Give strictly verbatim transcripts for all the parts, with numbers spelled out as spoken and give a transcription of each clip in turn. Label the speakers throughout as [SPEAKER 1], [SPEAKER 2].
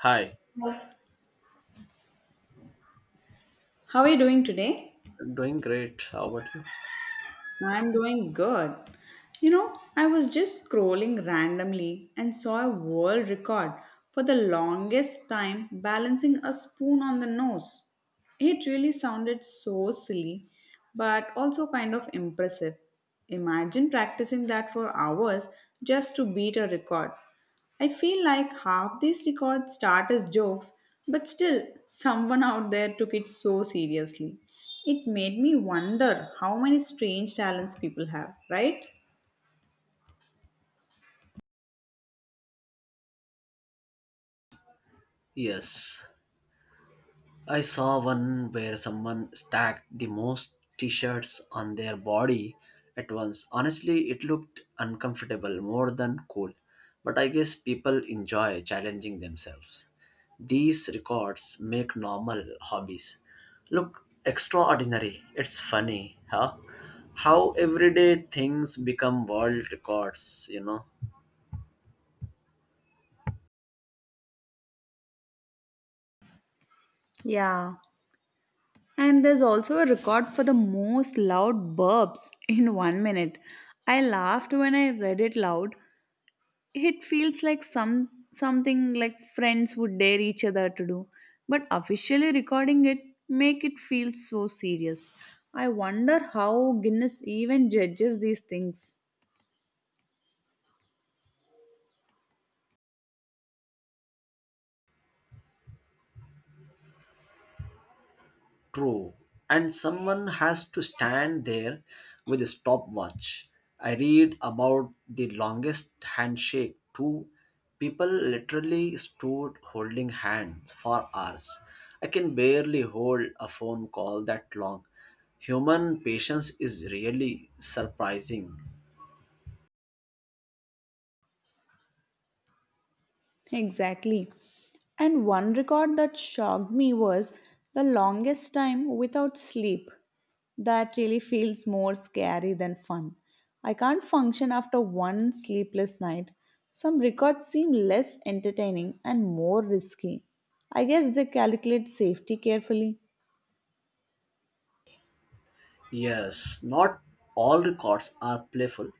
[SPEAKER 1] Hi,
[SPEAKER 2] How are you doing today?
[SPEAKER 1] I'm doing great. How about you?
[SPEAKER 2] I'm doing good. You know, I was just scrolling randomly and saw a world record for the longest time balancing a spoon on the nose. It really sounded so silly, but also kind of impressive. Imagine practicing that for hours just to beat a record. I feel like half these records start as jokes, but still, someone out there took it so seriously. It made me wonder how many strange talents people have, right?
[SPEAKER 1] Yes. I saw one where someone stacked the most t shirts on their body at once. Honestly, it looked uncomfortable more than cool. But I guess people enjoy challenging themselves. These records make normal hobbies look extraordinary. It's funny, huh? How everyday things become world records, you know?
[SPEAKER 2] Yeah. And there's also a record for the most loud burps in one minute. I laughed when I read it loud. It feels like some something like friends would dare each other to do, but officially recording it make it feel so serious. I wonder how Guinness even judges these things.
[SPEAKER 1] True. And someone has to stand there with a stopwatch. I read about the longest handshake, too. People literally stood holding hands for hours. I can barely hold a phone call that long. Human patience is really surprising.
[SPEAKER 2] Exactly. And one record that shocked me was the longest time without sleep. That really feels more scary than fun. I can't function after one sleepless night. Some records seem less entertaining and more risky. I guess they calculate safety carefully.
[SPEAKER 1] Yes, not all records are playful,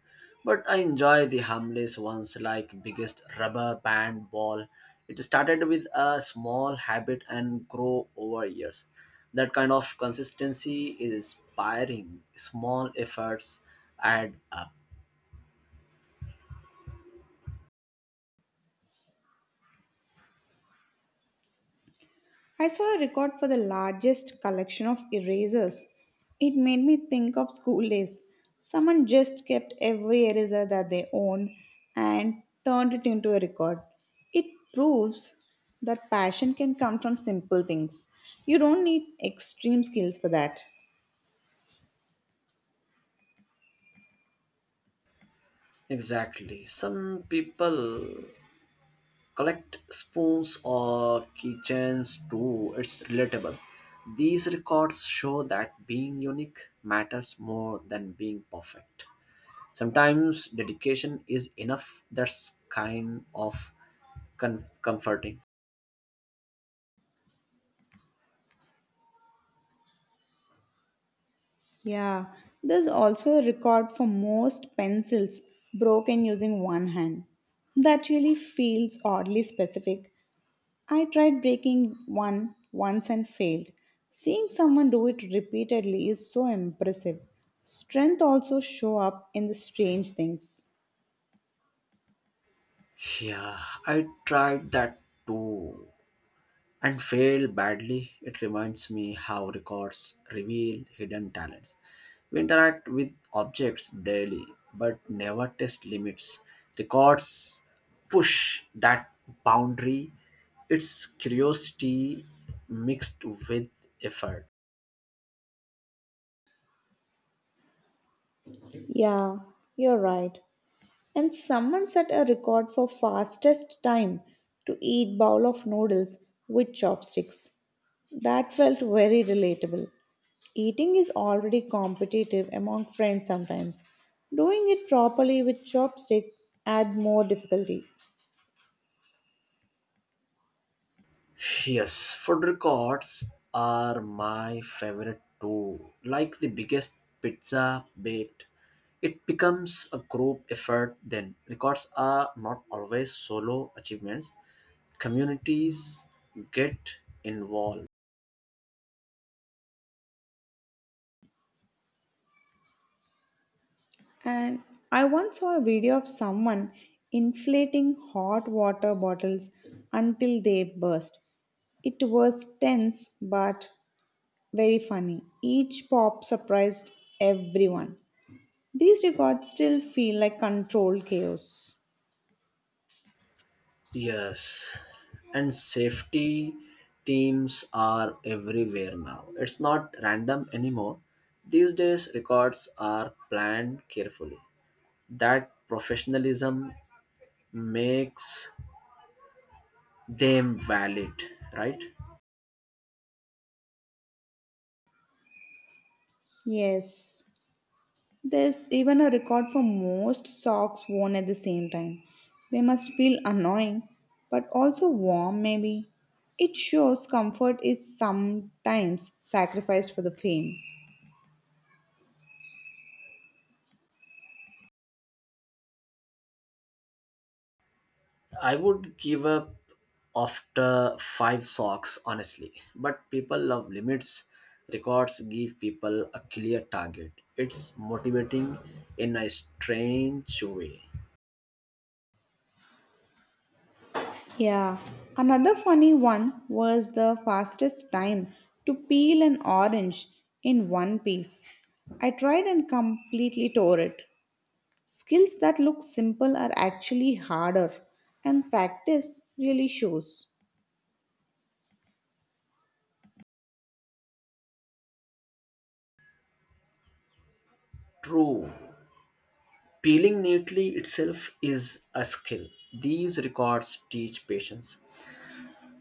[SPEAKER 1] but I enjoy the harmless ones like biggest rubber band ball. It started with a small habit and grow over years. That kind of consistency is inspiring. Small efforts add up.
[SPEAKER 2] I saw a record for the largest collection of erasers. It made me think of school days. Someone just kept every eraser that they owned and turned it into a record. It proves that passion can come from simple things. You don't need extreme skills for that.
[SPEAKER 1] Exactly. Some people collect spoons or keychains too. It's relatable. These records show that being unique matters more than being perfect. Sometimes dedication is enough. That's kind of con- comforting.
[SPEAKER 2] Yeah, there's also a record for most pencils broken using one hand. That really feels oddly specific. I tried breaking one once and failed. Seeing someone do it repeatedly is so impressive. Strength also show up in the strange things.
[SPEAKER 1] Yeah, I tried that too and fail badly. It reminds me how records reveal hidden talents. We interact with objects daily but never test limits. Records push that boundary. It's curiosity mixed with effort.
[SPEAKER 2] Yeah, you're right. And someone set a record for fastest time to eat bowl of noodles with chopsticks. That felt very relatable. Eating is already competitive among friends sometimes. Doing it properly with chopstick add more difficulty.
[SPEAKER 1] Yes, food records are my favorite too. Like the biggest pizza baked, it becomes a group effort then. Records are not always solo achievements, communities get involved.
[SPEAKER 2] And I once saw a video of someone inflating hot water bottles until they burst. It was tense but very funny. Each pop surprised everyone. These records still feel like controlled chaos.
[SPEAKER 1] Yes, and safety teams are everywhere now. It's not random anymore. These days, records are planned carefully. That professionalism makes them valid, right?
[SPEAKER 2] Yes. There's even a record for most socks worn at the same time. They must feel annoying, but also warm, maybe. It shows comfort is sometimes sacrificed for the fame.
[SPEAKER 1] I would give up after five socks, honestly. But people love limits. Records give people a clear target. It's motivating in a strange way.
[SPEAKER 2] Yeah, another funny one was the fastest time to peel an orange in one piece. I tried and completely tore it. Skills that look simple are actually harder, and practice really shows.
[SPEAKER 1] True. Peeling neatly itself is a skill. These records teach patience.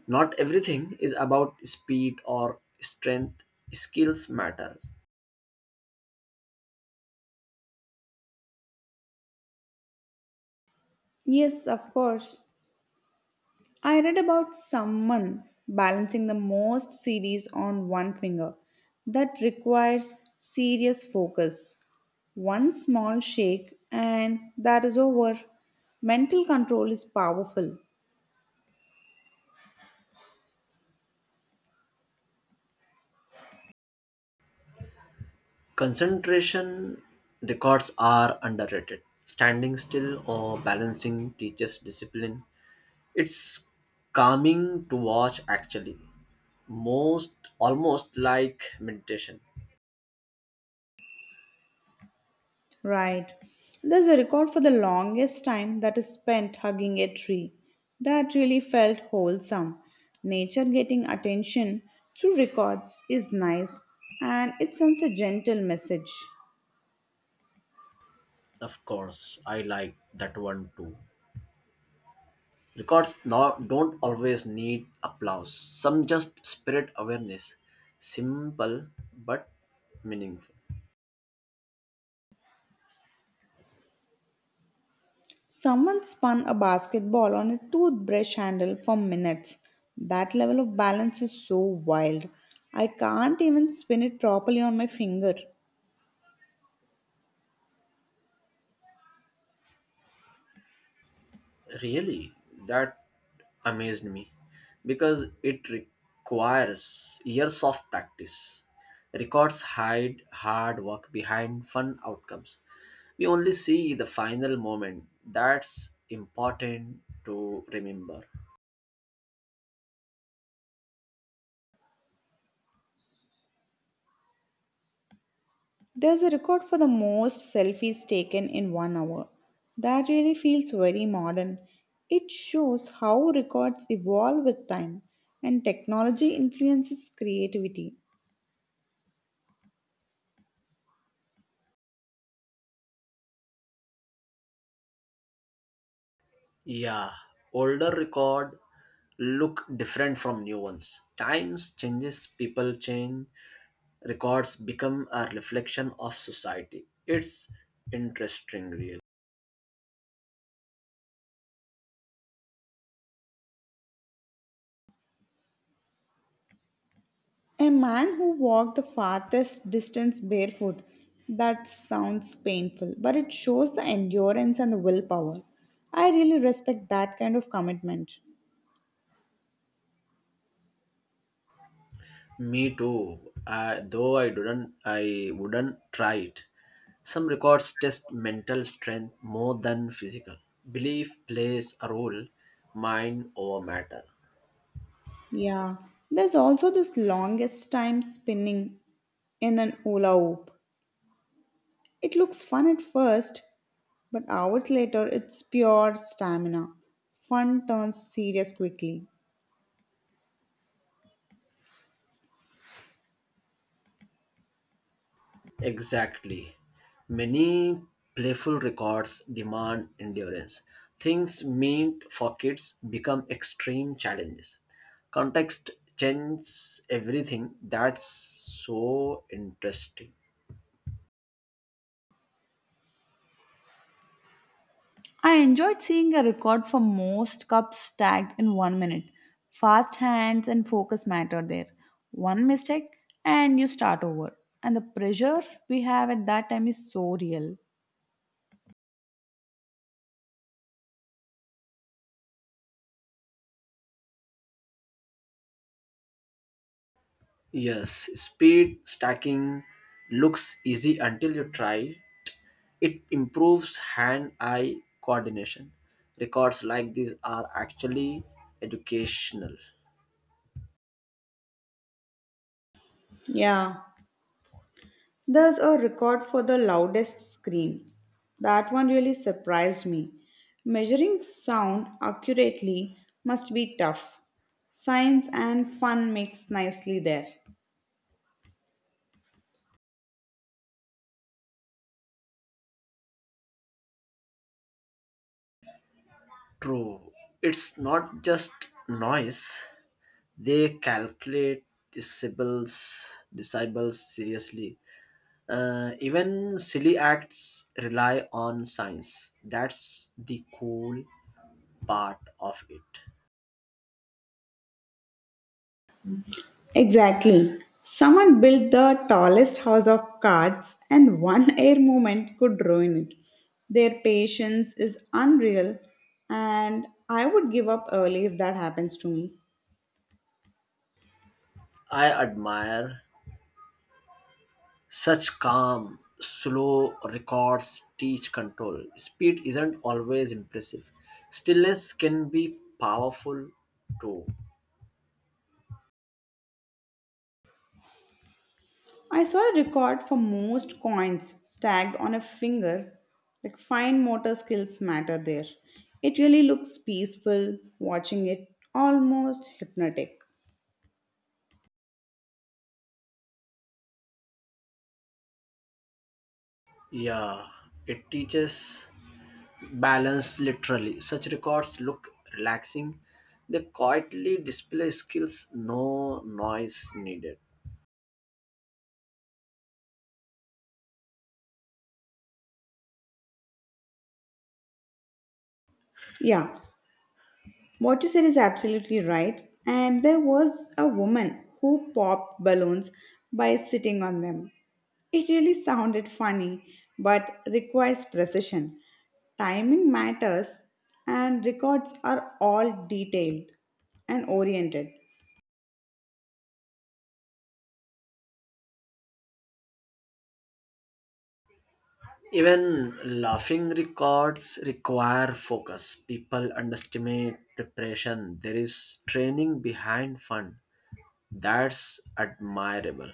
[SPEAKER 1] Not everything is about speed or strength. Skills matter.
[SPEAKER 2] Yes, of course. I read about someone balancing the most C Ds on one finger. That requires serious focus. One small shake and that is over. Mental control is powerful,
[SPEAKER 1] Concentration records are underrated. Standing still or balancing teaches discipline. It's calming to watch actually. Most almost like meditation.
[SPEAKER 2] right? There's a record for the longest time that is spent hugging a tree. That really felt wholesome. Nature getting attention through records is nice, and it sends a gentle message.
[SPEAKER 1] Of course, I like that one too. Records not, don't always need applause. Some just spirit awareness. Simple but meaningful.
[SPEAKER 2] Someone spun a basketball on a toothbrush handle for minutes. That level of balance is so wild. I can't even spin it properly on my finger.
[SPEAKER 1] Really, that amazed me because it requires years of practice. Records hide hard work behind fun outcomes. We only see the final moment. That's important to remember.
[SPEAKER 2] There's a record for the most selfies taken in one hour. That really feels very modern. It shows how records evolve with time and technology influences creativity.
[SPEAKER 1] Yeah, older record look different from new ones. Times changes, people change, records become a reflection of society. It's interesting, really.
[SPEAKER 2] A man who walked the farthest distance barefoot. That sounds painful, but it shows the endurance and the willpower. I really respect that kind of commitment.
[SPEAKER 1] Me too. Uh, though I didn't, I wouldn't try it. Some records test mental strength more than physical. Belief plays a role, mind over matter.
[SPEAKER 2] Yeah. There's also this longest time spinning in an hula hoop. It looks fun at first, but hours later it's pure stamina. Fun turns serious quickly.
[SPEAKER 1] Exactly. Many playful records demand endurance. Things meant for kids become extreme challenges. Context changes everything. That's so interesting.
[SPEAKER 2] I enjoyed seeing a record for most cups stacked in one minute. Fast hands and focus matter there. One mistake and you start over. And the pressure we have at that time is so real.
[SPEAKER 1] Yes, speed stacking looks easy until you try. It improves hand eye coordination. Records like these are actually educational.
[SPEAKER 2] Yeah, there's a record for the loudest scream. That one really surprised me. Measuring sound accurately must be tough. Science and fun mix nicely there.
[SPEAKER 1] True, it's not just noise, they calculate disables, disables seriously. Uh, even silly acts rely on science. That's the cool part of it.
[SPEAKER 2] Exactly. Someone built the tallest house of cards, and one air movement could ruin it. Their patience is unreal, and I would give up early if that happens to me.
[SPEAKER 1] I admire such calm, slow records teach control. Speed isn't always impressive. Stillness can be powerful too.
[SPEAKER 2] I saw a record for most coins stacked on a finger. Like fine motor skills matter there. It really looks peaceful watching it, almost hypnotic.
[SPEAKER 1] Yeah, it teaches balance literally. Such records look relaxing. They quietly display skills, no noise needed.
[SPEAKER 2] Yeah, what you said is absolutely right. And there was a woman who popped balloons by sitting on them. It really sounded funny, but requires precision. Timing matters, and records are all detailed and oriented.
[SPEAKER 1] Even laughing records require focus. People underestimate preparation. There is training behind fun. That's admirable.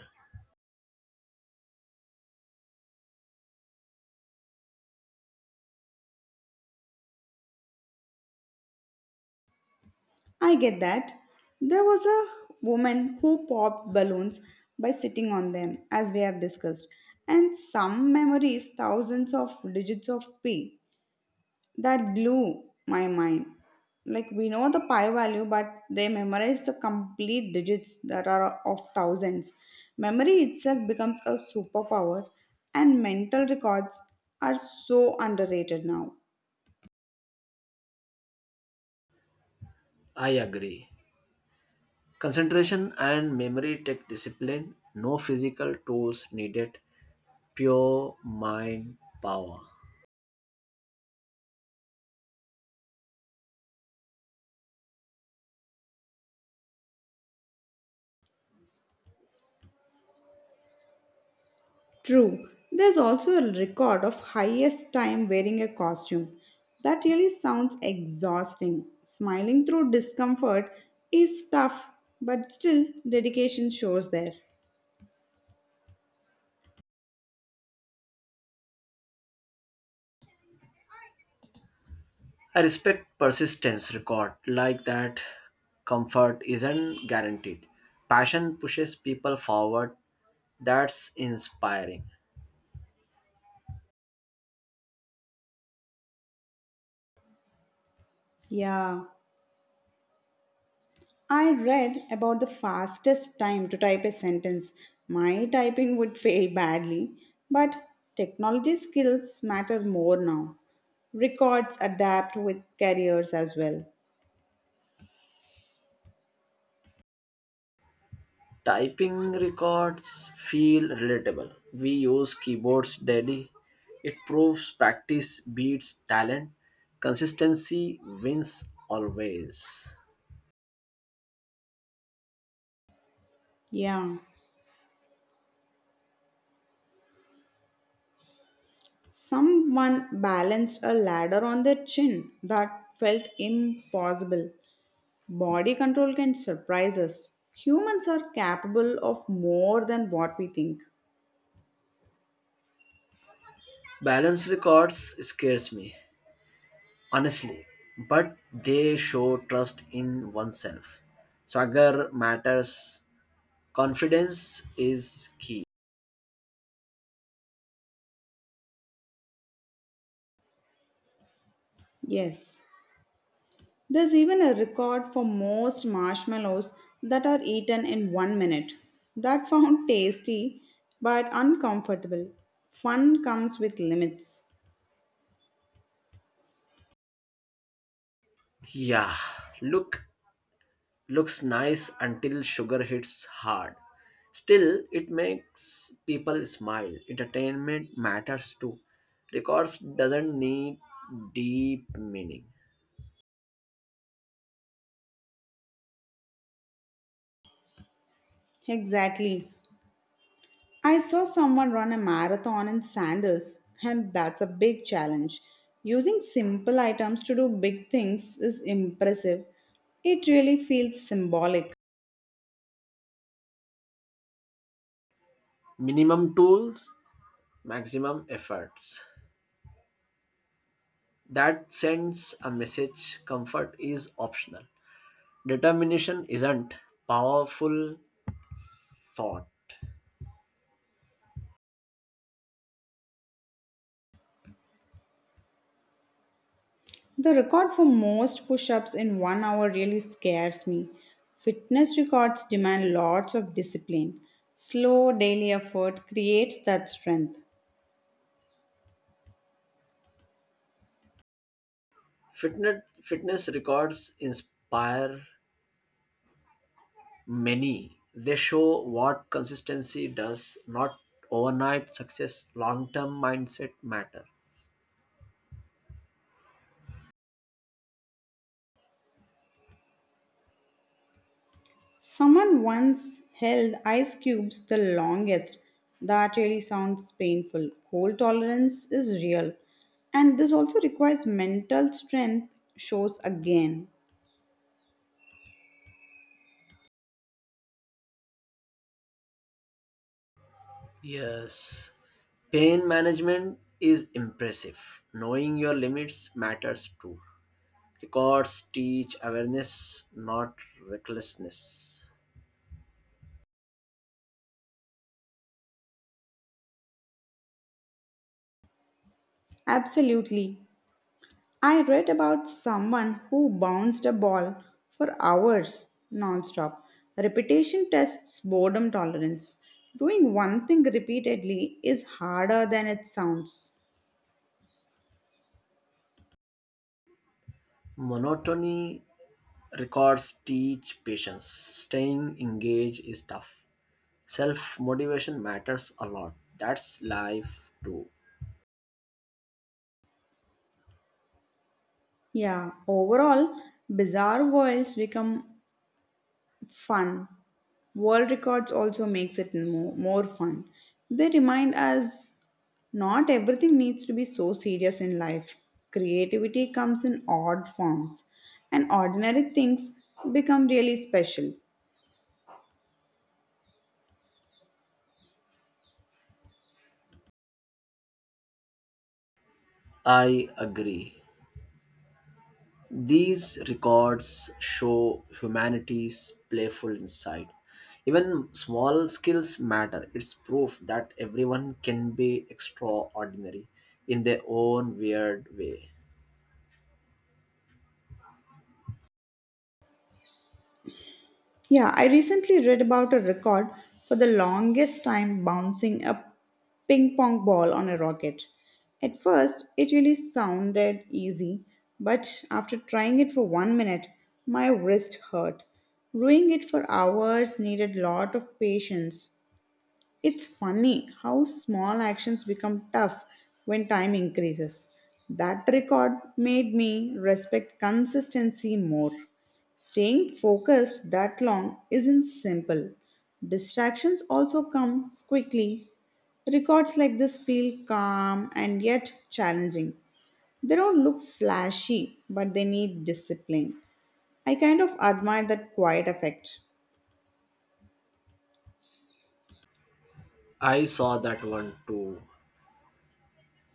[SPEAKER 2] I get that. There was a woman who popped balloons by sitting on them, as we have discussed, and some memories thousands of digits of P. That blew my mind. Like we know the pi value, but they memorize the complete digits that are of thousands. Memory itself becomes a superpower, and mental records are so underrated now.
[SPEAKER 1] I agree. Concentration and memory take discipline, no physical tools needed, pure mind power.
[SPEAKER 2] True, there's also a record of highest time wearing a costume. That really sounds exhausting. Smiling through discomfort is tough, but still, dedication shows there.
[SPEAKER 1] I respect persistence record like that. Comfort isn't guaranteed. Passion pushes people forward. That's inspiring.
[SPEAKER 2] Yeah. I read about the fastest time to type a sentence. My typing would fail badly, but technology skills matter more now. Records adapt with careers as well.
[SPEAKER 1] Typing records feel relatable. We use keyboards daily. It proves practice beats talent. Consistency wins always.
[SPEAKER 2] Yeah. Someone balanced a ladder on their chin that felt impossible. Body control can surprise us. Humans are capable of more than what we think.
[SPEAKER 1] Balance records scares me, honestly, but they show trust in oneself. Swagger matters. Confidence is key.
[SPEAKER 2] Yes. There's even a record for most marshmallows that are eaten in one minute. That found tasty but uncomfortable. Fun comes with limits.
[SPEAKER 1] Yeah, look looks nice until sugar hits hard. Still, it makes people smile. Entertainment matters too. Records doesn't need deep meaning.
[SPEAKER 2] Exactly. I saw someone run a marathon in sandals, and that's a big challenge. Using simple items to do big things is impressive. It really feels symbolic.
[SPEAKER 1] Minimum tools, maximum efforts. That sends a message comfort is optional. Determination isn't powerful thought.
[SPEAKER 2] The record for most push ups in one hour really scares me. Fitness records demand lots of discipline. Slow daily effort creates that strength.
[SPEAKER 1] Fitness, fitness records inspire many. They show what consistency does, not overnight success, long term mindset matter.
[SPEAKER 2] Someone once held ice cubes the longest. That really sounds painful. Cold tolerance is real. And this also requires mental strength, shows again.
[SPEAKER 1] Yes. Pain management is impressive. Knowing your limits matters too. Records teach awareness, not recklessness.
[SPEAKER 2] Absolutely. I read about someone who bounced a ball for hours nonstop. Repetition tests boredom tolerance. Doing one thing repeatedly is harder than it sounds.
[SPEAKER 1] Monotony records teach patience. Staying engaged is tough. Self motivation matters a lot. That's life too.
[SPEAKER 2] Yeah, overall, bizarre worlds become fun. World records also makes it more, more fun. They remind us not everything needs to be so serious in life. Creativity comes in odd forms, and ordinary things become really special.
[SPEAKER 1] I agree. These records show humanity's playful inside. Even small skills matter. It's proof that everyone can be extraordinary in their own weird way.
[SPEAKER 2] Yeah, I recently read about a record for the longest time bouncing a ping pong ball on a rocket. At first, it really sounded easy, but after trying it for one minute, my wrist hurt. Doing it for hours needed lot of patience. It's funny how small actions become tough when time increases. That record made me respect consistency more. Staying focused that long isn't simple. Distractions also come quickly. Records like this feel calm and yet challenging. They don't look flashy, but they need discipline. I kind of admire that quiet effect.
[SPEAKER 1] I saw that one too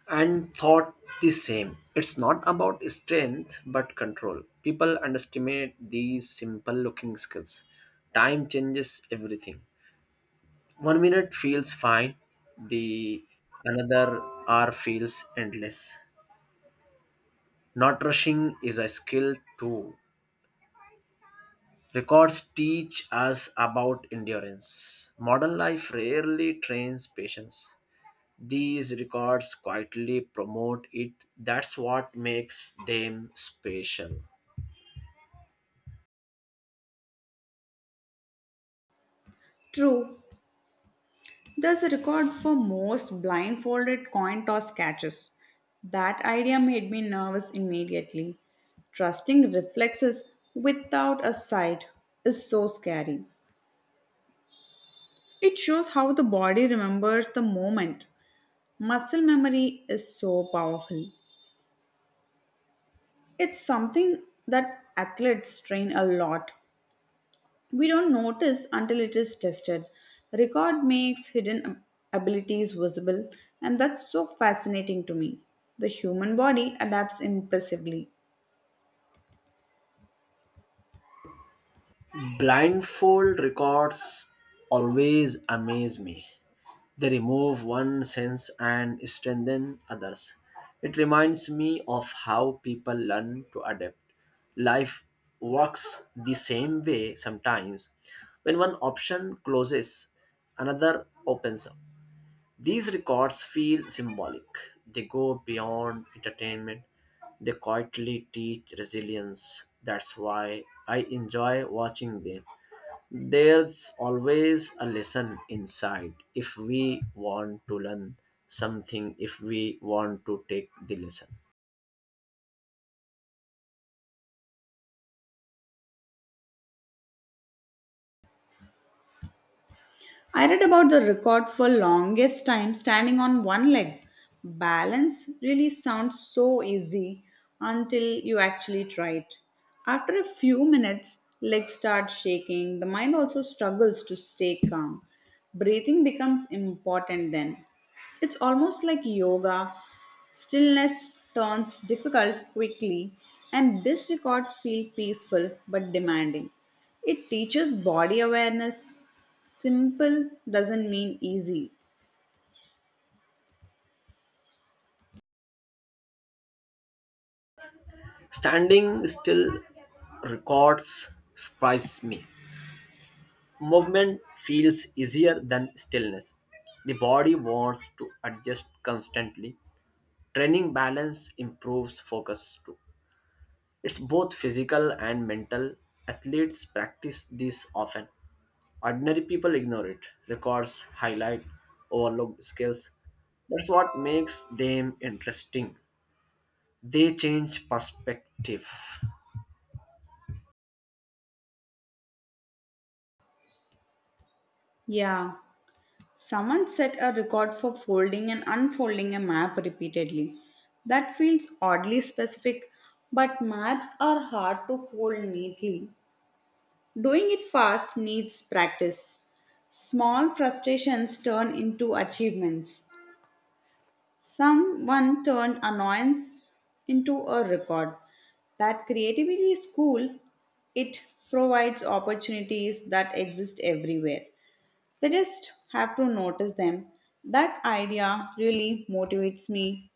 [SPEAKER 1] and thought the same. It's not about strength but control. People underestimate these simple looking skills. Time changes everything. One minute feels fine, the another hour feels endless. Not rushing is a skill too. Records teach us about endurance. Modern life rarely trains patience. These records quietly promote it. That's what makes them special.
[SPEAKER 2] True, there's a record for most blindfolded coin toss catches. That idea made me nervous immediately. Trusting reflexes without a sight is so scary. It shows how the body remembers the moment. Muscle memory is so powerful. It's something that athletes train a lot. We don't notice until it is tested. Record makes hidden ab- abilities visible, and that's so fascinating to me. The human body adapts impressively.
[SPEAKER 1] Blindfold records always amaze me. They remove one sense and strengthen others. It reminds me of how people learn to adapt. Life works the same way sometimes. When one option closes, another opens up. These records feel symbolic. They go beyond entertainment. They quietly teach resilience. That's why I enjoy watching them. There's always a lesson inside if we want to learn something, if we want to take the lesson.
[SPEAKER 2] I read about the record for longest time standing on one leg. Balance really sounds so easy until you actually try it. After a few minutes, legs start shaking. The mind also struggles to stay calm. Breathing becomes important then. It's almost like yoga. Stillness turns difficult quickly, and this record feels peaceful but demanding. It teaches body awareness. Simple doesn't mean easy.
[SPEAKER 1] Standing still records surprise me. Movement feels easier than stillness. The body wants to adjust constantly. Training balance improves focus too. It's both physical and mental. Athletes practice this often. Ordinary people ignore it. Records highlight overlooked skills. That's what makes them interesting. They change perspective.
[SPEAKER 2] Yeah, someone set a record for folding and unfolding a map repeatedly. That feels oddly specific, but maps are hard to fold neatly. Doing it fast needs practice. Small frustrations turn into achievements. Someone turned annoyance into a record. That creativity is cool. It provides opportunities that exist everywhere. They just have to notice them. That idea really motivates me.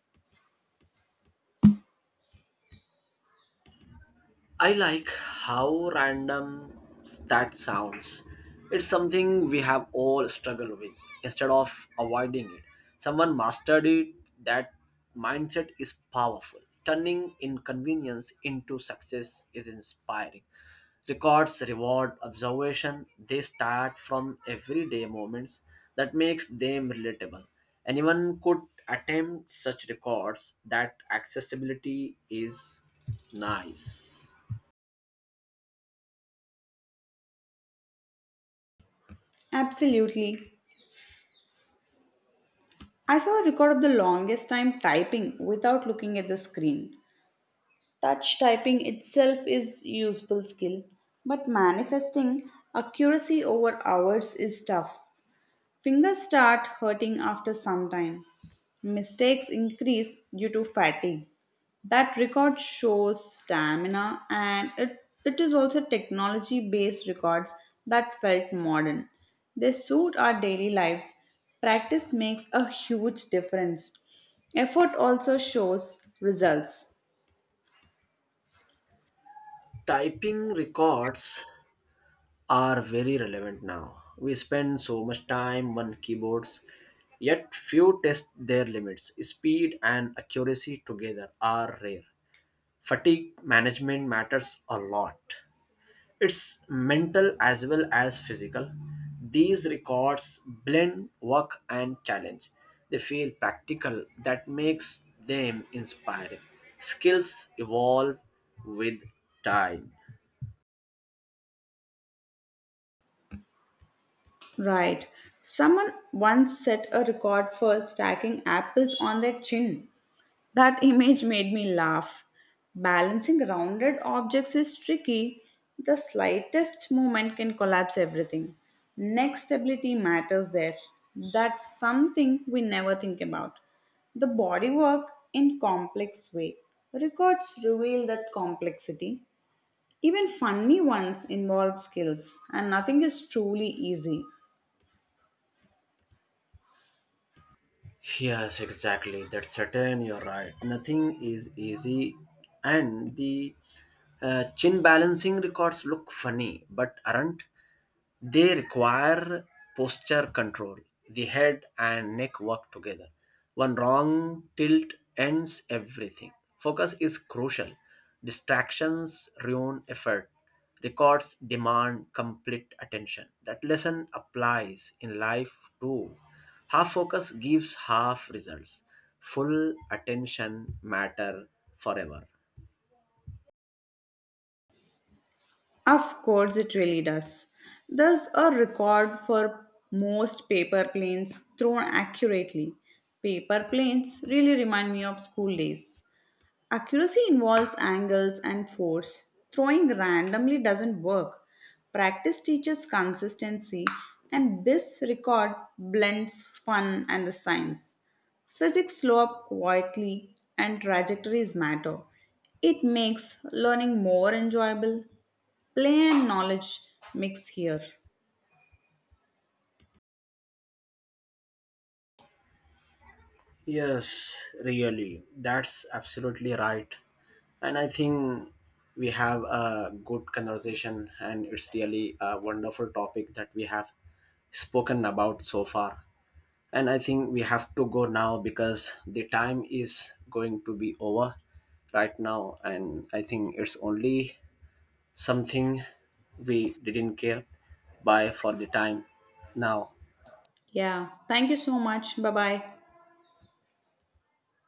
[SPEAKER 1] I like how random that sounds. It's something we have all struggled with. Instead of avoiding it, someone mastered it. That mindset is powerful. Turning inconvenience into success is inspiring. Records reward observation. They start from everyday moments that makes them relatable. Anyone could attempt such records. That accessibility is nice.
[SPEAKER 2] Absolutely. I saw a record of the longest time typing without looking at the screen. Touch typing itself is useful skill, but manifesting accuracy over hours is tough. Fingers start hurting after some time. Mistakes increase due to fatigue. That record shows stamina, and it, it is also technology based records that felt modern. They suit our daily lives. Practice makes a huge difference. Effort also shows results.
[SPEAKER 1] Typing records are very relevant now. We spend so much time on keyboards, yet few test their limits. Speed and accuracy together are rare. Fatigue management matters a lot. It's mental as well as physical. These records blend work and challenge. They feel practical, that makes them inspiring. Skills evolve with time.
[SPEAKER 2] Right. Someone once set a record for stacking apples on their chin. That image made me laugh. Balancing rounded objects is tricky. The slightest movement can collapse everything. Neck stability matters there. That's something we never think about. The bodywork in complex way. Records reveal that complexity. Even funny ones involve skills, and nothing is truly easy.
[SPEAKER 1] Yes, exactly. That's certain. You're right. Nothing is easy, and the uh, chin balancing records look funny, but aren't. They require posture control. The head and neck work together. One wrong tilt ends everything. Focus is crucial. Distractions ruin effort. Records demand complete attention. That lesson applies in life too. Half focus gives half results. Full attention matter forever.
[SPEAKER 2] Of course, it really does. There's a record for most paper planes thrown accurately. Paper planes really remind me of school days. Accuracy involves angles and force. Throwing randomly doesn't work. Practice teaches consistency, and this record blends fun and the science. Physics slow up quietly, and trajectories matter. It makes learning more enjoyable. Play and knowledge mix here.
[SPEAKER 1] Yes, really. That's absolutely right. And I think we have a good conversation, and it's really a wonderful topic that we have spoken about so far. And I think we have to go now because the time is going to be over right now. And I think it's only something we didn't care by for the time now.
[SPEAKER 2] Yeah, thank you so much. Bye bye.